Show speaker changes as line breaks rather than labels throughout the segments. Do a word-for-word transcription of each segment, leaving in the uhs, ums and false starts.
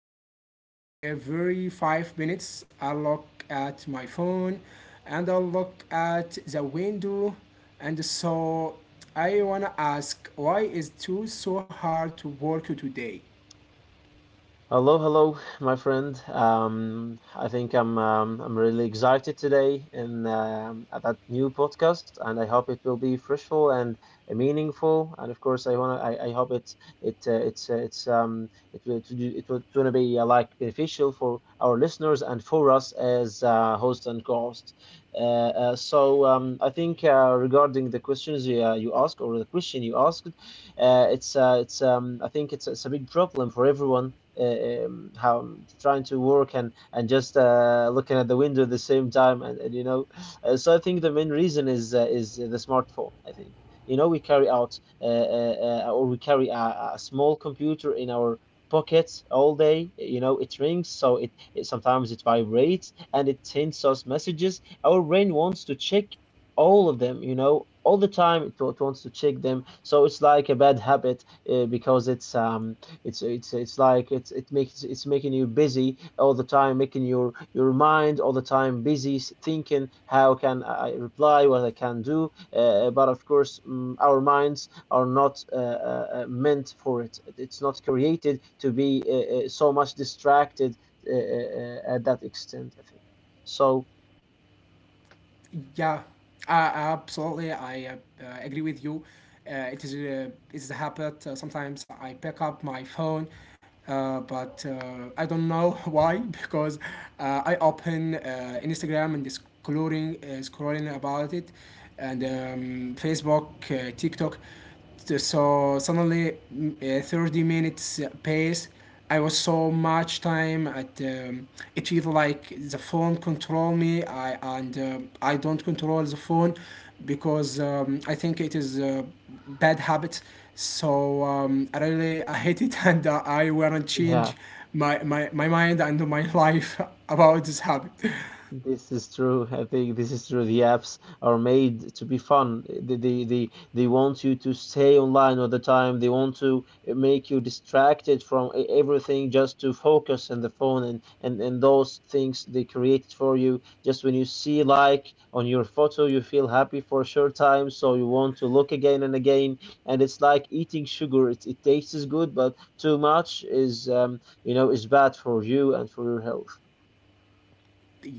I stop every five minutes. I look at my phone, and I look at the window, and so I wanna ask, why is it too so hard to work today?
Hello, hello, my friend. Um, I think I'm um, I'm really excited today in um, at that new podcast, and I hope it will be fruitful and uh, meaningful. And of course, I wanna I, I hope it it uh, it's uh, it's um it will to do it will gonna be uh, like beneficial for our listeners and for us as uh, host and co-host. Uh, uh, so um, I think uh, regarding the questions you uh, you asked or the question you asked. Uh, it's uh, it's um I think it's it's a big problem for everyone. Uh, um, how trying to work and and just uh, looking at the window at the same time and, and you know uh, so I think the main reason is uh, is the smartphone, I think. You know, we carry out uh, uh, uh, or we carry a, a small computer in our pockets all day. You know, it rings, so it, it sometimes it vibrates, and it sends us messages. Our brain wants to check all of them, you know, all the time. It, wa- it wants to check them, so it's like a bad habit, uh, because it's um it's it's it's like it's it makes it's making you busy all the time, making your your mind all the time busy, thinking how can I reply, what I can do. Uh, but of course, mm, our minds are not uh, uh, uh, meant for it. It's not created to be uh, uh, so much distracted uh, uh, uh, at that extent, I think so.
Yeah, uh, absolutely. I uh, uh, agree with you. Uh, it is uh, it's a habit. Uh, sometimes I pick up my phone, uh, but uh, I don't know why because uh, I open uh, Instagram and scrolling uh, scrolling about it, and um, Facebook, uh, TikTok. So suddenly mm, uh, thirty minutes pace i was so much time at um, it feels like the phone control me I, and uh, i don't control the phone because um, i think it is a bad habit. So um, i really i hate it and uh, i want to
Yeah.
change my, my, my mind and my life about this habit.
This is true. I think this is true. The apps are made to be fun. They, they, they, they want you to stay online all the time. They want to eh, make you distracted from e- everything, just to focus on the phone and and, and those things they created for you. Just when you see like on your photo, you feel happy for a short time, so you want to look again and again. And it's like eating sugar. It, it tastes good, but too much is um, you know is bad for you and for your health.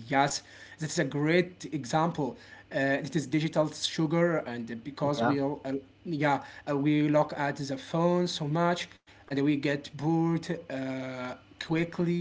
Yes, that's a great example. Uh, it is digital sugar, and because
Yeah.
we all, uh, yeah, uh, we look at the phone so much, and we get bored uh, quickly.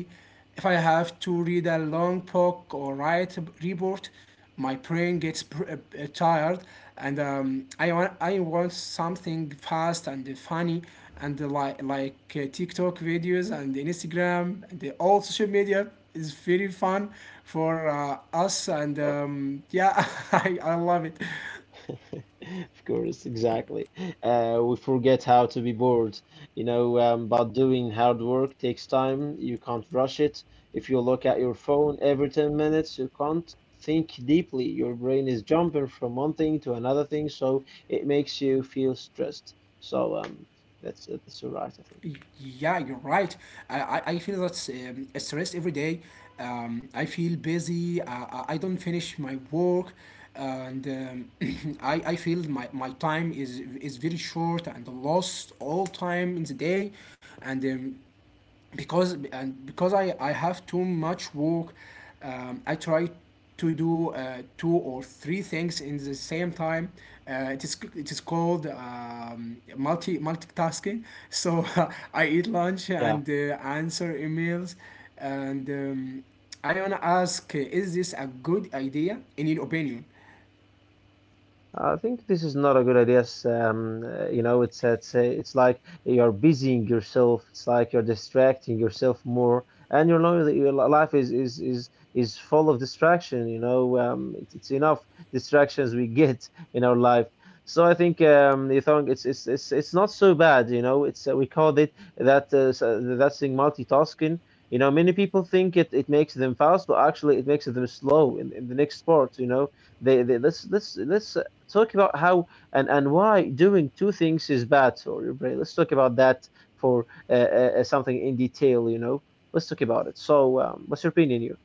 If I have to read a long book or write a report, my brain gets pr- uh, uh, tired, and um, I want I want something fast and funny, and uh, like like uh, TikTok videos and Instagram and the all social media is very fun for uh, us. And um, yeah, I, I love it.
Of course, exactly. Uh, we forget how to be bored, you know, um, but doing hard work takes time. You can't rush it. If you look at your phone every ten minutes, you can't think deeply. Your brain is jumping from one thing to another thing, so it makes you feel stressed. So, um, that's uh, that's all right, I think.
Yeah, you're right. I, I, I feel that's um, stressed every day. Um, I feel busy. Uh, I I don't finish my work, and um, I, I feel my, my time is is very short and lost all time in the day, and um, because and because I, I have too much work. um, I try to do uh, two or three things in the same time. Uh, it is it is called um, multi multitasking So I eat lunch
Yeah.
and uh, answer emails. And um, I wanna ask, is this a good idea in your opinion?
I think this is not a good idea. S- Um, uh, you know, it's it's uh, it's like you're busying yourself. It's like you're distracting yourself more, and your lo- your li- life is is is is full of distraction. You know, um, it's, it's enough distractions we get in our life. So I think, um, you think it's it's it's it's not so bad. You know, it's uh, we called it that uh, s- uh, that thing, multitasking. You know, many people think it, it makes them fast, but actually it makes them slow in, in the next sport. You know, they, they let's let's let's talk about how and, and why doing two things is bad for your brain. Let's talk about that for uh, uh, uh, something in detail, you know. Let's talk about it. So, um, what's your opinion, you?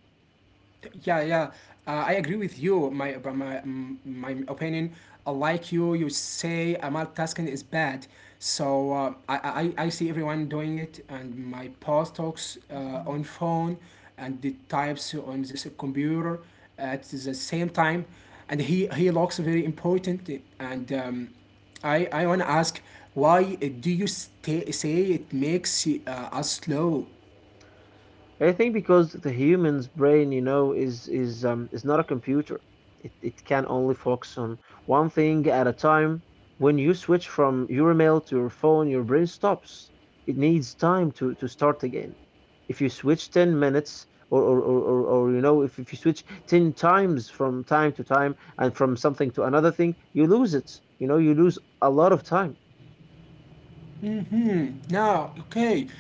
Yeah, yeah. Uh, I agree with you. My, but my, mm, my opinion, uh, like you, you say uh, multitasking is bad. So uh, I, I, I see everyone doing it, and my boss talks uh, on phone, and the types on this computer at the same time, and he he looks very important. And um, I I wanna ask, why do you stay, say it makes uh, us slow?
I think because the human's brain, you know, is is um is not a computer. It it can only focus on one thing at a time. When you switch from your email to your phone, your brain stops. It needs time to to start again. If you switch ten minutes or or or, or, or you know, if, if you switch ten times from time to time and from something to another thing, you lose it. You know, you lose a lot of time.
Mm-hmm. Now, okay.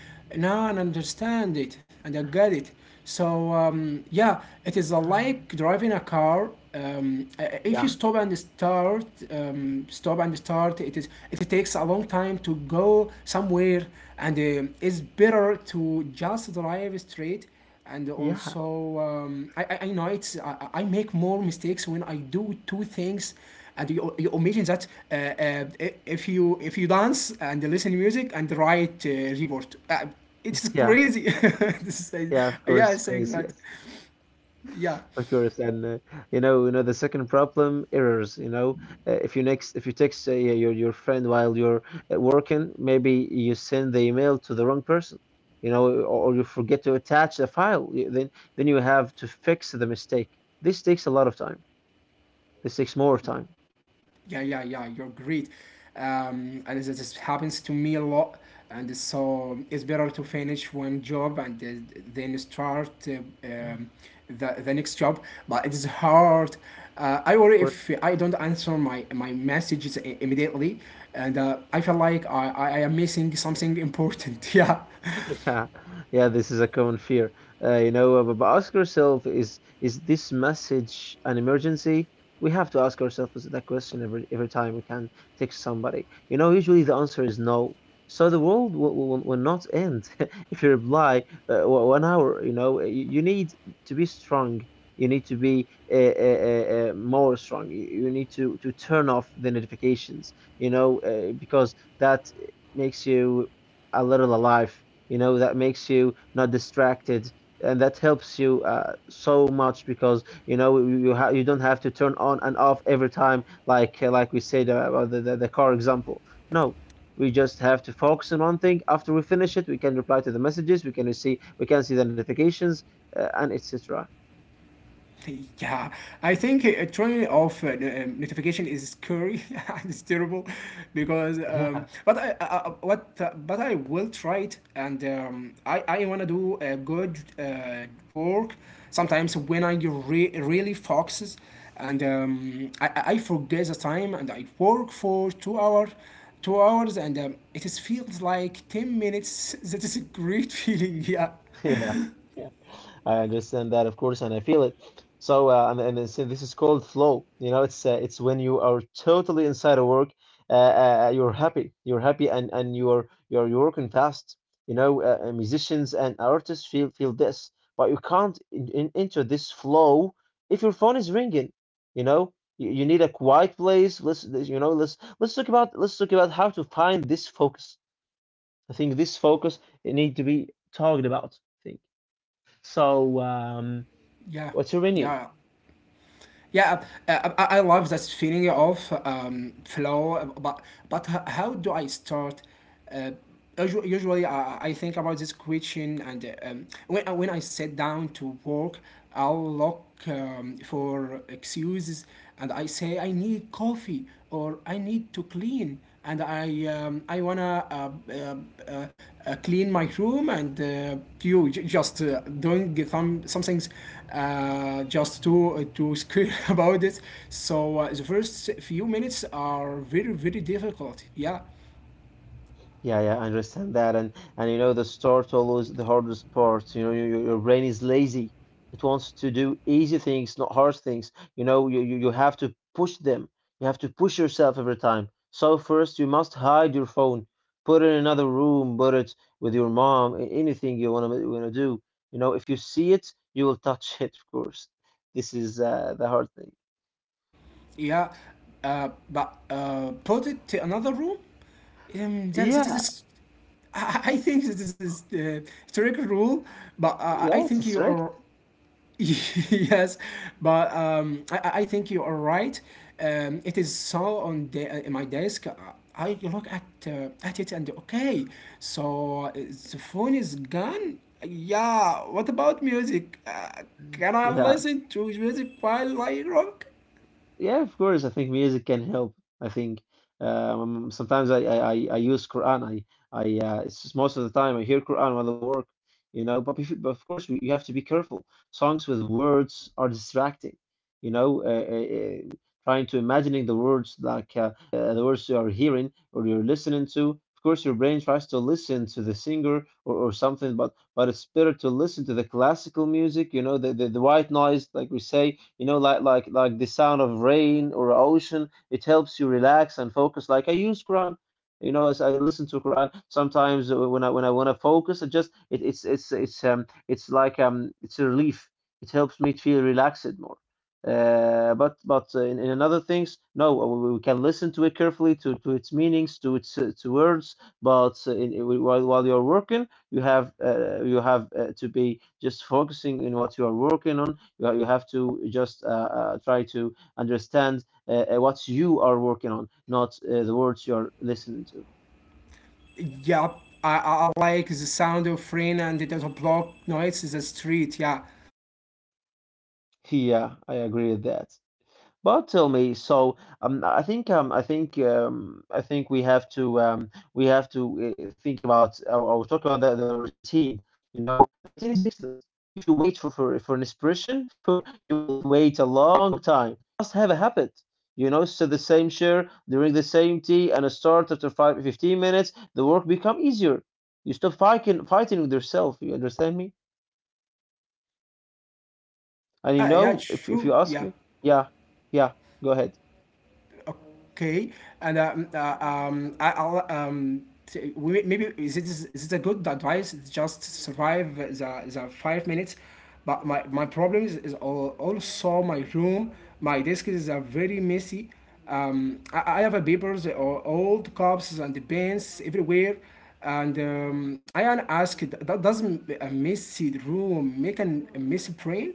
Now I understand it and I get it. So, um, yeah, it is like driving a car. Um, uh, if you
Yeah.
stop and start, um, stop and start, it is it takes a long time to go somewhere, and um it's better to just drive straight. And
Yeah.
also um, I, I, I know it's I, I make more mistakes when I do two things. And you, you imagine that, uh, uh, if you if you dance and listen to music and write uh, report. Uh, it's
Yeah.
crazy. This is,
Yeah, of
uh, yeah,
course,
saying
crazy.
that. Yeah.
Of course, and uh, you know, you know the second problem, errors. You know, uh, if you next, if you text uh, your your your friend while you're uh, working, maybe you send the email to the wrong person. You know, or, or you forget to attach the file. you- Then then you have to fix the mistake. This takes a lot of time. This takes more time,
Yeah, yeah, yeah, you're great. Um, and this, this happens to me a lot. And so it's better to finish one job and then then start uh, um, the, the next job. But it is hard. Uh, I
of
worry
course.
if I don't answer my, my messages i- immediately. And uh, I feel like I, I I am missing something important. Yeah.
Yeah, yeah, this is a common fear. Uh, you know, but but ask yourself, is is this message an emergency? We have to ask ourselves that question every every time we can text somebody. You know, usually the answer is no. So the world will, will, will not end if you reply uh, o- one hour. You know, you, you need to be strong. You need to be uh, uh, uh, uh, more strong. You, you need to to turn off the notifications. You know, uh, because that makes you a little alive. You know that makes you not distracted, and that helps you uh, so much, because you know you you, ha- you don't have to turn on and off every time, like, uh, like we said, uh, about the, the, the car example. No, we just have to focus on one thing. After we finish it, we can reply to the messages, we can see we can see the notifications, uh, and etc.
Yeah, I think uh, turning off uh, no- um, notification is scary and it's terrible because
Yeah.
um, but I, I I- what uh, but I will try it. And um, I I want to do a good uh, work sometimes when I re- really focuses. And um, I I I forget the time and I work for two hours two hours and um, it is feels like ten minutes that is a great feeling. Yeah,
Yeah, I understand that, of course, and I feel it. So, uh, and and it's, this is called flow. You know, it's uh, it's when you are totally inside of work, uh, uh, uh, you're happy, you're happy, and and you're you're you're working fast. You know, uh, uh, musicians and artists feel feel this, but you can't in, in, enter this flow if your phone is ringing. You know, you, you need a quiet place. Let's you know, let's let's talk about let's talk about how to find this focus. I think this focus it need to be talked about, I think so. Um,
yeah,
What's your menu?
yeah. Yeah, uh, uh, I, I love that feeling of um, flow, but but h- how do I start? Uh, usu- usually, I, I think about this question, and uh, um, when when I sit down to work, I'll look um, for excuses, and I say I need coffee or I need to clean, and I um, I wanna uh, uh, uh, uh, clean my room, and uh, you j- just uh, doing some some things uh, just to uh, to scream about it. So uh, the first few minutes are very very difficult. Yeah,
Yeah, yeah, I understand that. And and you know the start always the hardest part. You know, your your brain is lazy. It wants to do easy things, not hard things. You know, you, you you have to push them. You have to push yourself every time. So first, you must hide your phone, put it in another room, put it with your mom, a- anything you wanna you wanna do. You know, if you see it, you will touch it, of course. This is uh, the hard thing.
yeah. Uh, but uh, put it to another room. Um, that, that is a
Yeah,
s- I I think this is the trigger rule, but uh, I I
yes,
think
it's
you
right.
are. Yes, but um, I, I I think you are right. Um, it is, so, on the, uh, in my desk. uh, I look at uh, at it and okay, so uh, the phone is gone. Yeah, what about music? Uh, can I
Yeah.
listen to music while I rock?
Yeah, of course. I think music can help. I think, um, sometimes I, I, I I use Quran. I I uh, it's just most of the time I hear Quran while I work, you know. But, if, but of course, we, you have to be careful. Songs with words are distracting, you know. Uh, uh, uh, trying to imagining the words, like, uh, uh, the words you are hearing or you're listening to. Of course, your brain tries to listen to the singer or, or something, but but it's better to listen to the classical music, you know, the the, the white noise, like we say, you know, like like like the sound of rain or ocean. It helps you relax and focus. Like I use Quran, you know, as I listen to Quran sometimes uh, when I when I want to focus. It just it, it's it's it's um it's like um it's a relief. It helps me feel relaxed more. Uh, but but uh, in, in another things, no, we, we can listen to it carefully to, to its meanings, to its uh, to words. But uh, in, in- while while you're working, you have uh, you have uh, to be just focusing in what you are working on. You, you have to just uh, uh, try to understand uh, uh, what you are working on, not uh, the words you are listening to.
Yup, I, I I like the sound of rain and it does not block noise in the street. Yeah,
Yeah, I agree with that. But tell me, so um, I think um, I think um, I think we have to, um, we have to uh, think about, or, or talk about the, the routine. You know, the routine is excellent. If you wait for for, for an inspiration, for you will wait a long time. Must have a habit. You know, so the same share, drink the same tea, and start after five fifteen minutes, the work become easier. You stop fighting fighting with yourself. You understand me? And you
yeah, yeah,
know, if if
sure,
you ask
yeah.
me, yeah, yeah, go ahead.
Okay, and um, uh, um, I, I'll um, t- we- maybe is it is it a good advice? It's just survive the, the five minutes, but my, my problem is, is al- also my room. My desk is uh, very messy. Um, I, I have a papers or old cups and pens everywhere, and um, I am asked, that doesn't a messy room make an, a messy brain?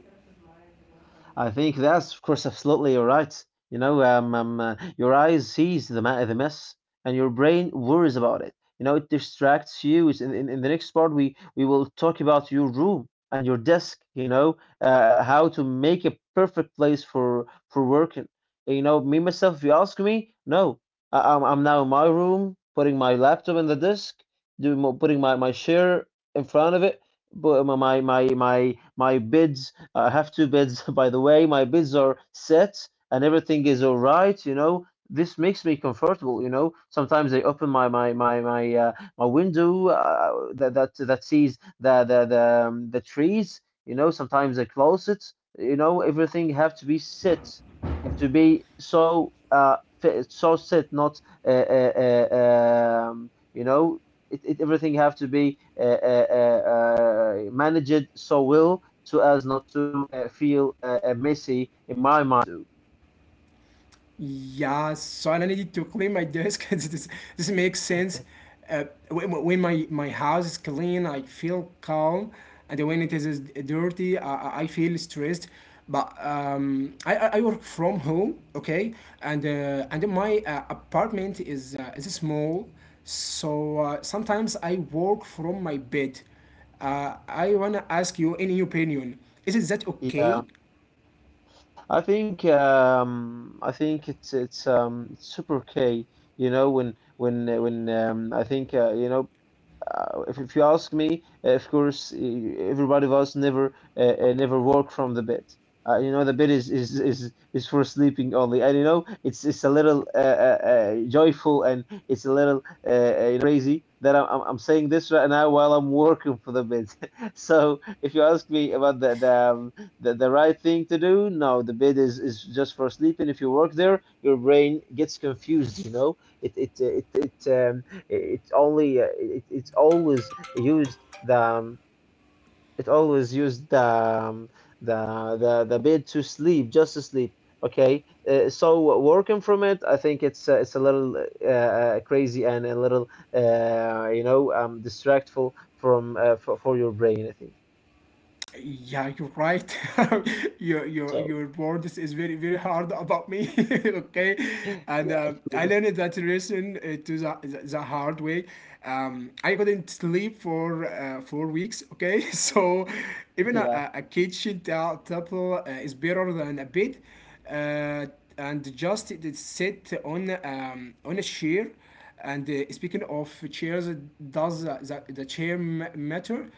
I think that's, of course, absolutely you right. You know, um, um, uh, your eyes sees the, ma- the mess, and your brain worries about it. You know, it distracts you. It's in, in, in the next part, we, we will talk about your room and your desk. You know, uh, uh, how to make a perfect place for for working. You know, me myself, if you ask me, no, I, I'm I'm now in my room, putting my laptop in the desk, doing mo- putting my my chair in front of it, but my my my my my bed. I have two beds, by the way. My beds are set and everything is all right, you know. This makes me comfortable, you know. Sometimes I open my my my my uh, my window uh, that that that sees the the the, um, the trees, you know. Sometimes I close it, you know. Everything have to be set, have to be so uh fi- so set, not uh, uh, uh um, you know it, it everything have to be uh, uh, uh, uh, managed so well so as not to uh, feel uh, uh, messy in my mind.
Yeah, so I needed to clean my desk. this, this makes sense. Uh, when, when my, my house is clean, I feel calm, and when it is dirty, I, I I feel stressed. But um, I, I I work from home, okay, and uh, and my uh, apartment is uh, is small, so uh, sometimes I work from my bed. Uh, I wanna ask you any opinion. Is it that okay?
Yeah, I think um, I think it's it's um, super okay. You know when when uh, when um, I think uh, you know, uh, if, if you ask me, uh, of course, eh, everybody of us never uh, uh, never work from the bed. Uh, you know, the bed is is, is is for sleeping only, and you know, it's it's a little uh, uh, uh, joyful and it's a little uh, uh, you know, crazy that I'm I'm I'm saying this right now while I'm working for the bed. So if you ask me about the the, um, the the right thing to do, no, the bed is is just for sleeping. If you work there, your brain gets confused. You know, it it uh, it it. Um, it's only uh, it, it's always used the um, it always used the um, the the the bed to sleep, just to sleep. Okay, uh, so working from it, I think it's uh, it's a little uh, uh, crazy and a little uh, you know um, distractful from uh, for, for your brain. I think
Yeah, you're right. your your
so.
your words is very very hard about me. Okay, and
Yeah,
uh,
of
I
course.
learned that lesson uh, to the, the the hard way. Um, I couldn't sleep for uh, four weeks. Okay, so even a,
Yeah.
a a kitchen ta- table uh, is better than a bed. Uh, and just it is sit on um, on a chair, and uh, speaking of chairs, does uh, the, the chair m- matter?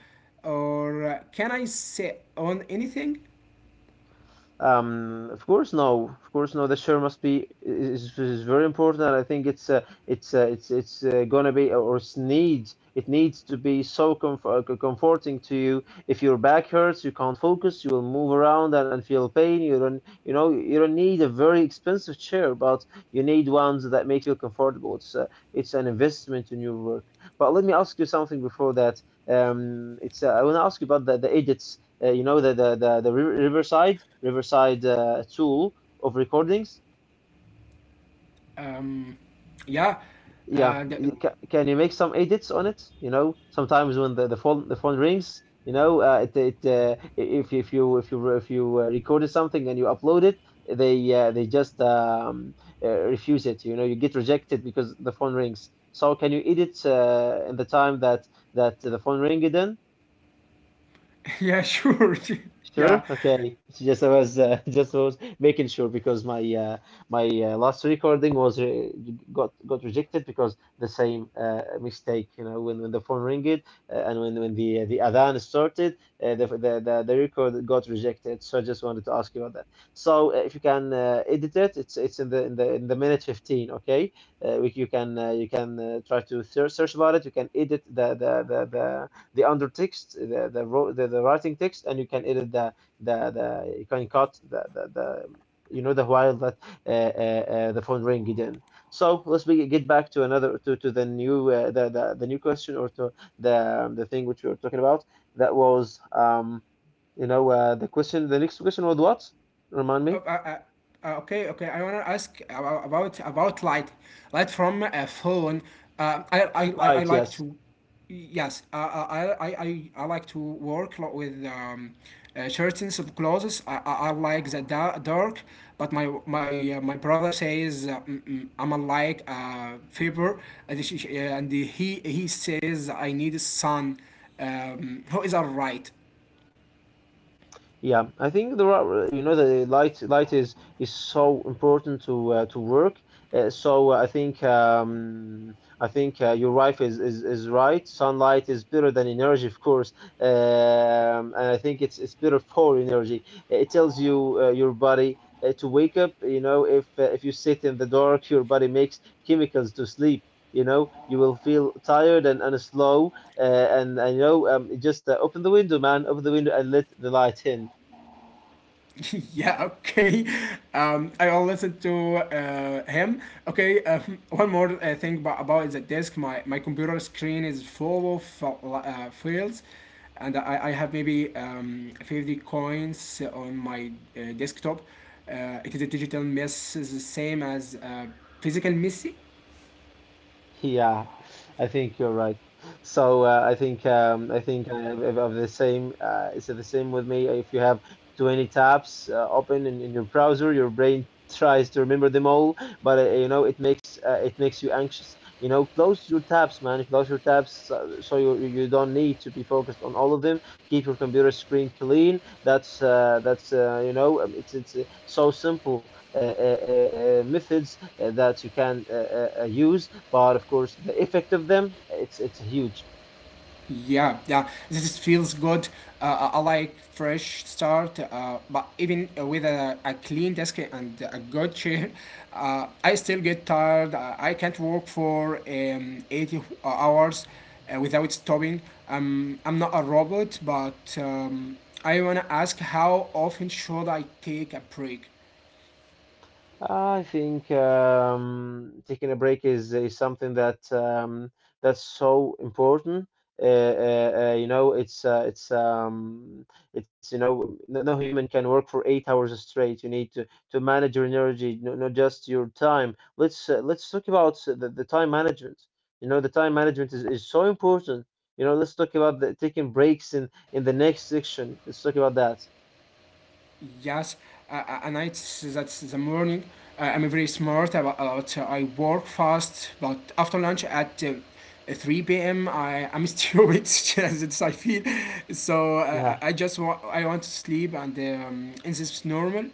Or uh, can I sit on anything?
Um, of course, no. Of course, no. The share must be is, is very important. And I think it's uh, it's uh, it's it's uh, gonna be or it's needs it needs to be so comfort, comforting to you. If your back hurts, you can't focus. You will move around and, and feel pain. You don't you know you don't need a very expensive chair, but you need ones that make you comfortable. It's uh, it's an investment in your work. But let me ask you something before that. Um, it's uh, I want to ask you about the the edits, uh, you know, the the the, the Ri- Riverside Riverside uh, tool of recordings.
Um, yeah.
Yeah,
And
you ca- can you make some edits on it? You know, sometimes when the, the phone the phone rings, you know, uh, it, it uh, if if you if you if you uh, recorded something and you upload it, they uh, they just um, uh, refuse it. You know, you get rejected because the phone rings. So can you edit uh, in the time that that the phone ringed in?
yeah, sure. Yeah.
Sure. Okay. It's just I was uh, just was making sure because my uh, my uh, last recording was re got got rejected because the same uh, mistake. You know, when, when the phone ringed uh, and when when the uh, the adhan started, uh, the, the the the record got rejected. So I just wanted to ask you about that. So uh, if you can uh, edit it, it's it's in the in the in the minute fifteen. Okay. Uh, we, you can uh, you can uh, try to search search about it. You can edit the the the the the under text, the the, ro- the the writing text, and you can edit the the, the you can cut the, the the you know the while that uh, uh, uh, the phone ring again. So let's be, get back to another to, to the new uh, the, the the new question or to the um, the thing which we were talking about. That was um you know, uh, the question. The next question was what? Remind
Oh.
me.
Uh, uh, uh, okay, okay. I wanna ask about about, about light, light from a phone. Uh, I, I, I I
Right.
like
Yes.
to. Yes. Uh, uh, I, I, I, I like to work lot with um, uh, curtains of clothes. I, I, I like the da- dark, but my my uh, my brother says uh, mm, mm, I'm a like uh, fever, and she- she- and he he says I need sun. Um, who is all right?
Yeah, I think there are, you know, the light light is is so important to uh, to work. Uh, so uh, I think um, I think uh, your wife is, is is right. Sunlight is better than energy, of course, um, and I think it's it's better for energy. It tells you uh, your body uh, to wake up. You know, if uh, if you sit in the dark, your body makes chemicals to sleep. You know, you will feel tired and, and slow uh, and and you know um, just uh, open the window, man. Open the window and let the light in.
Yeah, okay. Um, I will listen to uh, him. Okay, um, one more uh, thing about, about the desk. My, my computer screen is full of uh, uh, files, and I, I have maybe um, fifty coins on my uh, desktop. Uh, it is a digital mess, is the same as a physical mess.
Yeah, I think you're right. So uh, I think um, I think I have, have the same. Uh, it's the same with me. If you have twenty tabs uh, open in, in your browser, your brain tries to remember them all, but uh, you know it makes uh, it makes you anxious. You know, close your tabs, man. Close your tabs so, so you you you don't need to be focused on all of them. Keep your computer screen clean. That's uh, that's uh, you know um, it's it's uh, so simple uh, uh, uh, uh, methods uh, that you can uh, uh, uh, use, but of course the effect of them it's it's huge.
Yeah, yeah, this feels good. Uh, I I like fresh start, uh, but even with a, a clean desk and a good chair, uh, I still get tired. Uh, I can't work for um, eighty hours uh, without stopping. Um, I'm not a robot, but um, I want to ask, how often should I take a break?
I think um, taking a break is, is something that um, that's so important. Uh, uh, uh, you know, it's uh, it's um, it's you know, n- no human can work for eight hours straight. You need to, to manage your energy, no, not just your time. Let's uh, let's talk about the, the time management. You know, the time management is, is so important. You know, let's talk about the, taking breaks in in the next section. Let's talk about that.
Yes, uh, and I that's the morning. Uh, I'm very smart about, about uh, I work fast, but after lunch at uh, three p m. I am stupid as it's I feel. So uh,
Yeah.
I I just want I want to sleep and um, is this normal?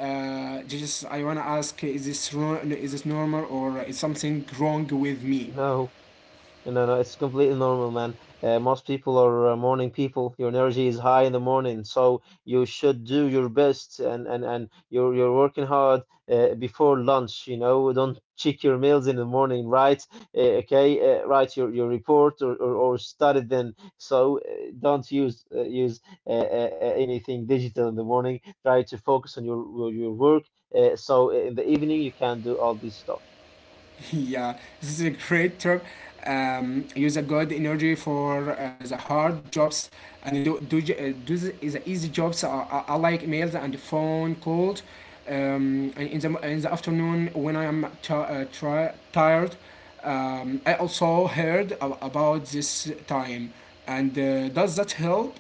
Uh, just I wanna ask, is this ro- is this normal or is something wrong with me?
No, no, no. It's completely normal, man. Uh, most people are uh, morning people. Your energy is high in the morning, so you should do your best, and and and you're you're working hard uh, before lunch. You know, don't check your meals in the morning, right? Uh, okay, uh, write your your report or or, or study then. So uh, don't use uh, use uh, uh, uh, anything digital in the morning. Try to focus on your your, your work. Uh, so in the evening you can do all this stuff.
Yeah, this is a great trip. Um, use a good energy for uh, the hard jobs and do do j- uh, do the, the easy jobs. I, I, I like emails and phone calls. Um, and in the in the afternoon when I am ti uh, tri- tired. Um, I also heard a- about this time, and uh, does that help?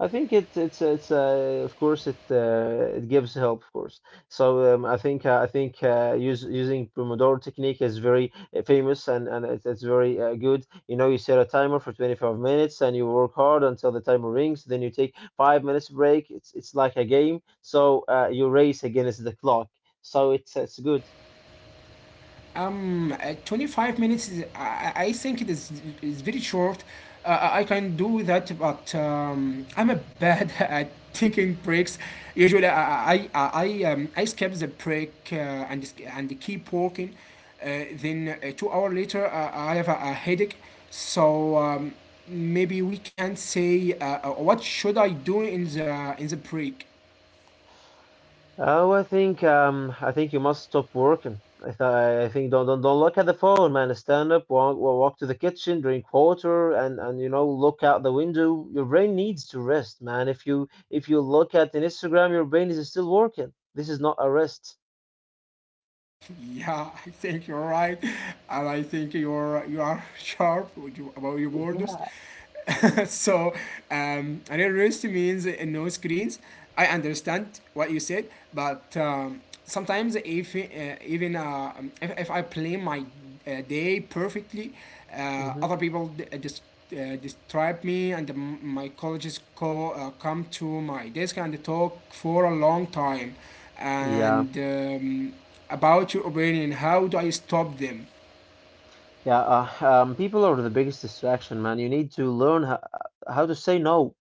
I think it it's it's uh, of course it uh, it gives help of course. So um, I think uh, I think uh, use, using Pomodoro technique is very uh, famous and and it's, it's very uh, good. You know, you set a timer for twenty-five minutes and you work hard until the timer rings. Then you take five minutes break. It's it's like a game. So uh, you race against the clock. So it's it's good.
Um, uh, twenty-five minutes is, I, I think it is, is very short. Uh, I can do that, but um, I'm a bad at taking breaks. Usually, I I, I, I, um, I skip the break uh, and sk- and keep working. Uh, then uh, two hour later, uh, I have a, a headache. So um, maybe we can say, uh, uh, what should I do in the in the break?
Oh, I think um, I think you must stop working. I th I think don't don't don't look at the phone, man. Stand up, walk well, walk to the kitchen, drink water, and and you know look out the window. Your brain needs to rest, man. If you if you look at an Instagram, your brain is still working. This is not a rest.
Yeah, I think you're right, and I think you're you are sharp with you- about your words.
Yeah.
so um, another rest means uh, no screens. I understand what you said, but um, sometimes if uh, even uh, um, if, if I plan my uh, day perfectly. Uh,
Hmm.
other people d- uh, just uh, disturb me, and m- my colleagues co- uh, come to my desk and talk for a long time,
Yeah.
and um, about your opinion. How do I stop them?
Yeah, uh, um, people are the biggest distraction, man. You need to learn how, how to say no.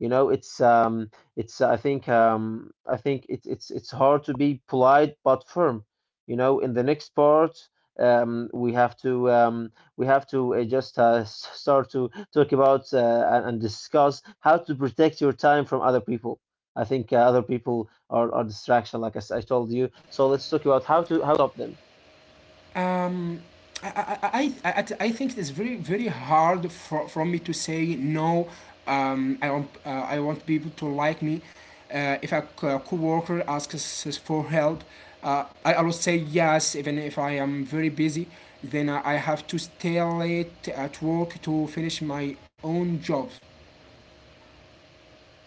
You know, it's um, it's I think um, I think it's it's it's hard to be polite but firm. You know, in the next part, um, we have to um, we have to uh, just uh, s- start to talk about uh, and and discuss how to protect your time from other people. I think uh, other people are, are distraction, like I, s- I told you. So let's talk about how to how to stop them.
Um, I, I, I, I, I think it is very very hard for, for me to say no. Um, I want uh, I want people to like me. Uh, if a co- coworker asks us for help, uh, I always say yes, even if I am very busy. Then I I have to stay late at work to finish my own job.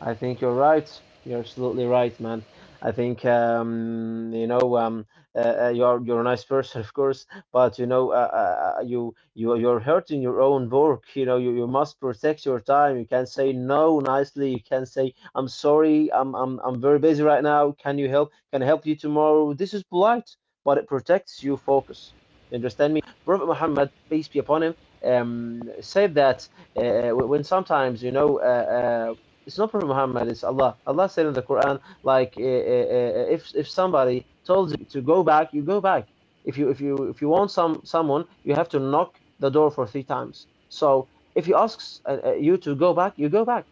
I think you're right. You're absolutely right, man. I think um, you know um, uh, uh, you're you're a nice person, of course, but you know uh, uh, uh, you you you're hurting your own work. You know you, you must protect your time. You can say no nicely. You can say I'm sorry. I'm I'm I'm very busy right now. Can you help? Can I help you tomorrow? This is polite, but it protects your focus. You understand me? Prophet Muhammad, peace be upon him, um, said that uh, when sometimes you know. Uh, uh, it's not Prophet Muhammad. It's Allah. Allah said in the Quran, like uh, uh, uh, if if somebody told you to go back, you go back. If you if you if you want some someone, you have to knock the door for three times. So if he asks uh, uh, you to go back, you go back.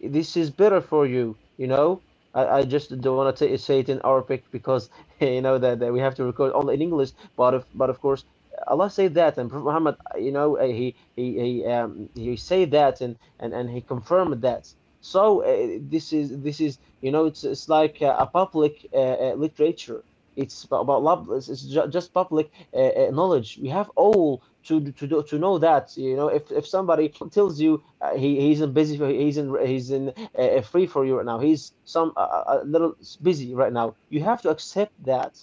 This is better for you. You know. I, I just don't want to say it in Arabic because you know that, that we have to record only in English. But if but of course Allah said that, and Prophet Muhammad, uh, you know, uh, he he he um, he said that, and and and he confirmed that. So uh, this is this is you know it's it's like uh, a public uh, uh, literature. It's about, about lab, it's it's ju just public uh, uh, knowledge. We have all to d- to do, to know that you know if if somebody tells you uh, he he's in busy for, he's in he's in uh, uh, free for you right now he's some uh, uh, a little s- busy right now. You have to accept that.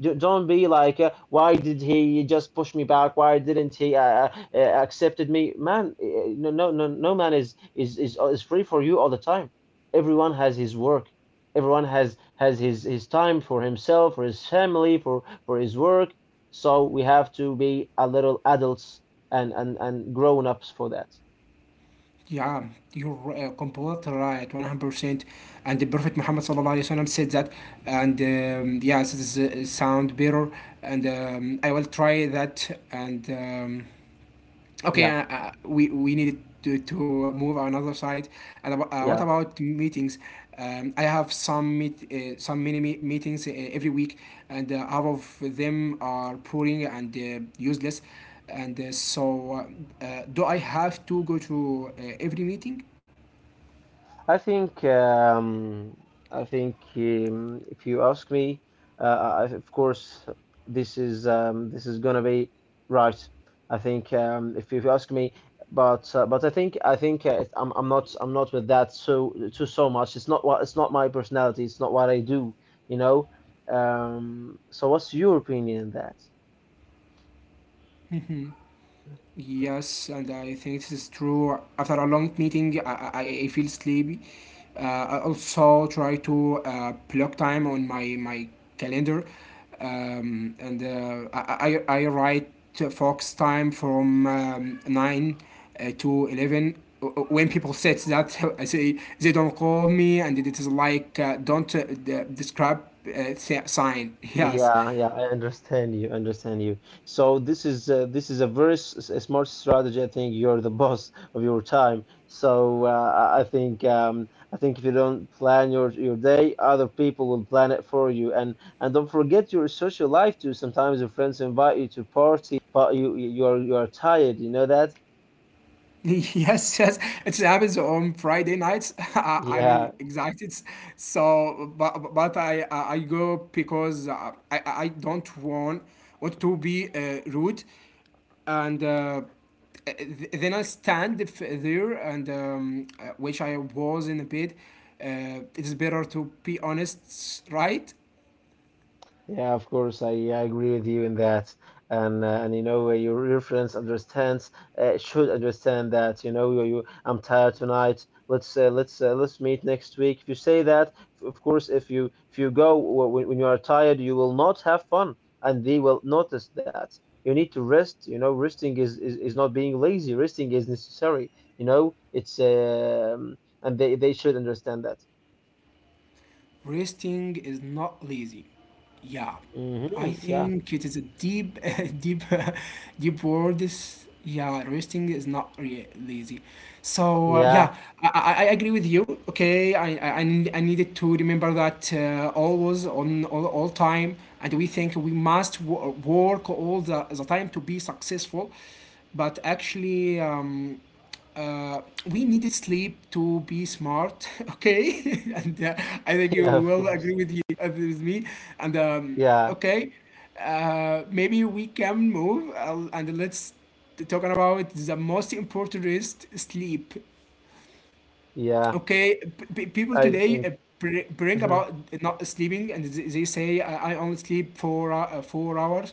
D- Don't be like, uh, why did he just push me back? Why didn't he uh, uh, uh, accepted me? Man, uh, no, no, no, no man is is is uh, is free for you all the time. Everyone has his work. Everyone has has his his time for himself, for his family, for for his work. So we have to be a little adults and and and grown ups for that.
Yeah, you're uh, completely right, one hundred percent. And the Prophet Muhammad sallallahu alaihi wasallam said that, and um, yes, this is, uh, sound better, and um, I will try that. And um,
Yeah,
okay, uh, uh, we we needed to, to move another side. And abo- uh,
yeah.
what about meetings? Um, I have some meet uh, some mini me- meetings uh, every week, and uh, half of them are boring and uh, useless and uh, so uh, uh, do I have to go to uh, every meeting.
I think um, I think um, If you ask me, uh, I, of course this is um, this is gonna be right. I think um, if you ask me, but uh, But I think I think uh, I'm I'm not I'm not with that so too so much. It's not what it's not my personality. It's not what I do. You know. Um, so what's your opinion on that?
Yes, and I think this is true. After a long meeting, I, I, I feel sleepy. Uh, I also try to uh, block time on my, my calendar, um, and uh, I, I, I write focus time from um, nine uh, to eleven. W- w- When people said that, I say they don't call me, and it is like uh, don't uh, d- describe uh, si- sign. Yes,
Yeah, yeah, I understand you, understand you. So this is uh, this is a very s s- smart strategy. I think you're the boss of your time. So uh, I I think um, I think if you don't plan your your day, other people will plan it for you. And and don't forget your social life too. Sometimes your friends invite you to party, but you you are you are tired. You know that?
yes, yes, it happens on Friday nights. I,
Yeah.
I'm excited, so but but I I I go because uh, I I I don't want want to be uh, rude, and uh, th- then I stand f- there and um, uh, which I was in a bit. Uh, it's better to be honest, right?
Yeah, of course, I, I agree with you in that, and uh, and you know uh, your your friends understands uh, should understand that you know you, you, I'm tired tonight. Let's uh, let's uh, let's meet next week. If you say that, f- of course, if you if you go w- when, when you are tired, you will not have fun, and they will notice that. You need to rest. You know, resting is is, is not being lazy. Resting is necessary. You know, it's um, And they they should understand that.
Resting is not lazy. Yeah, I
Hmm. Yeah,
think it is a deep, deep, deep word. Is yeah, resting is not re- lazy. So uh, yeah,
yeah,
I, I I agree with you. Okay, I I, I need- I needed to remember that uh, always on all, all time, and we think we must w- work all the, the time to be successful, but actually. Um, uh, we need sleep to be smart, okay? And uh, I think you
yeah, of
will
course,
agree with you uh, with me. And um,
yeah.
okay, uh, maybe we can move uh, and let's t- talking about the most important is sleep.
Yeah,
Okay, p- p- people
I
today
think.
uh, br- bring
Mhm.
about not sleeping, and th- they say I, I only sleep four hou- uh, four hours.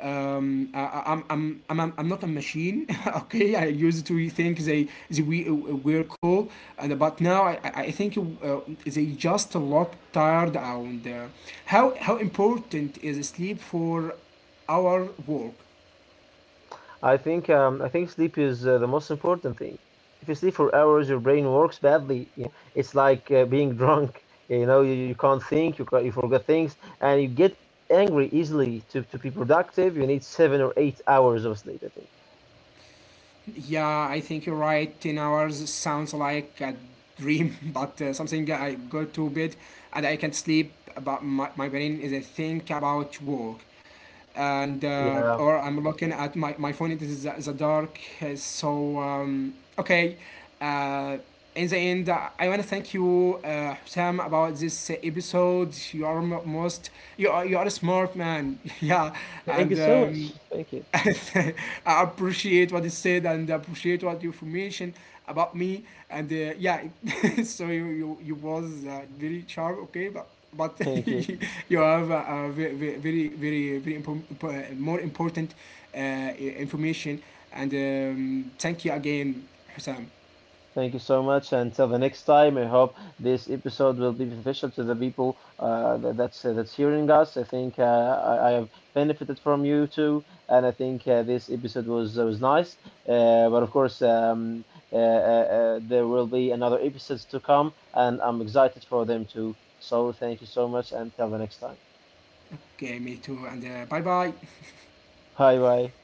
Um, I, I- I'm, I'm, I'm, I'm I'm not a machine. Okay, I used to think they, they we uh, were cool, and but now I, I I think uh, they just look tired. And uh, how how important is sleep for our work?
I think. Um, I think sleep is uh, the most important thing. If you sleep for hours, your brain works badly. You know, it's like uh, being drunk. You know, you, you can't think. You can't, you forget things, and you get angry easily. To to be productive, you need seven or eight hours of sleep. I think.
Yeah, I think you're right. ten hours sounds like a dream, but uh, something I go to bed and I can't sleep. But my, my brain is a think about work. And uh,
Yeah.
or I'm looking at my, my phone, it is the, the dark. uh, So, um, okay. Uh, in the end, uh, I want to thank you, uh, Sam, about this uh, episode. You are mo- most, you are, you are a smart man. Yeah. And
Thank you so
um,
much. Thank you.
I appreciate what you said and appreciate what you information about me and uh, yeah. So you you, you was uh, very sharp, okay, but but
Thank you.
you have a, a ve- ve- very very very impo- impo- uh, more important uh, i- information, and um, thank you again, Hussam.
Thank you so much. Until the next time, I hope this episode will be beneficial to the people uh, that, that's uh, that's hearing us. I think uh, I, I have benefited from you too, and I think uh, this episode was uh, was nice. Uh, but of course, um, uh, uh, uh, there will be another episodes to come, and I'm excited for them too. So thank you so much, and till the next time.
Okay, me too, and uh, bye bye.
Bye bye.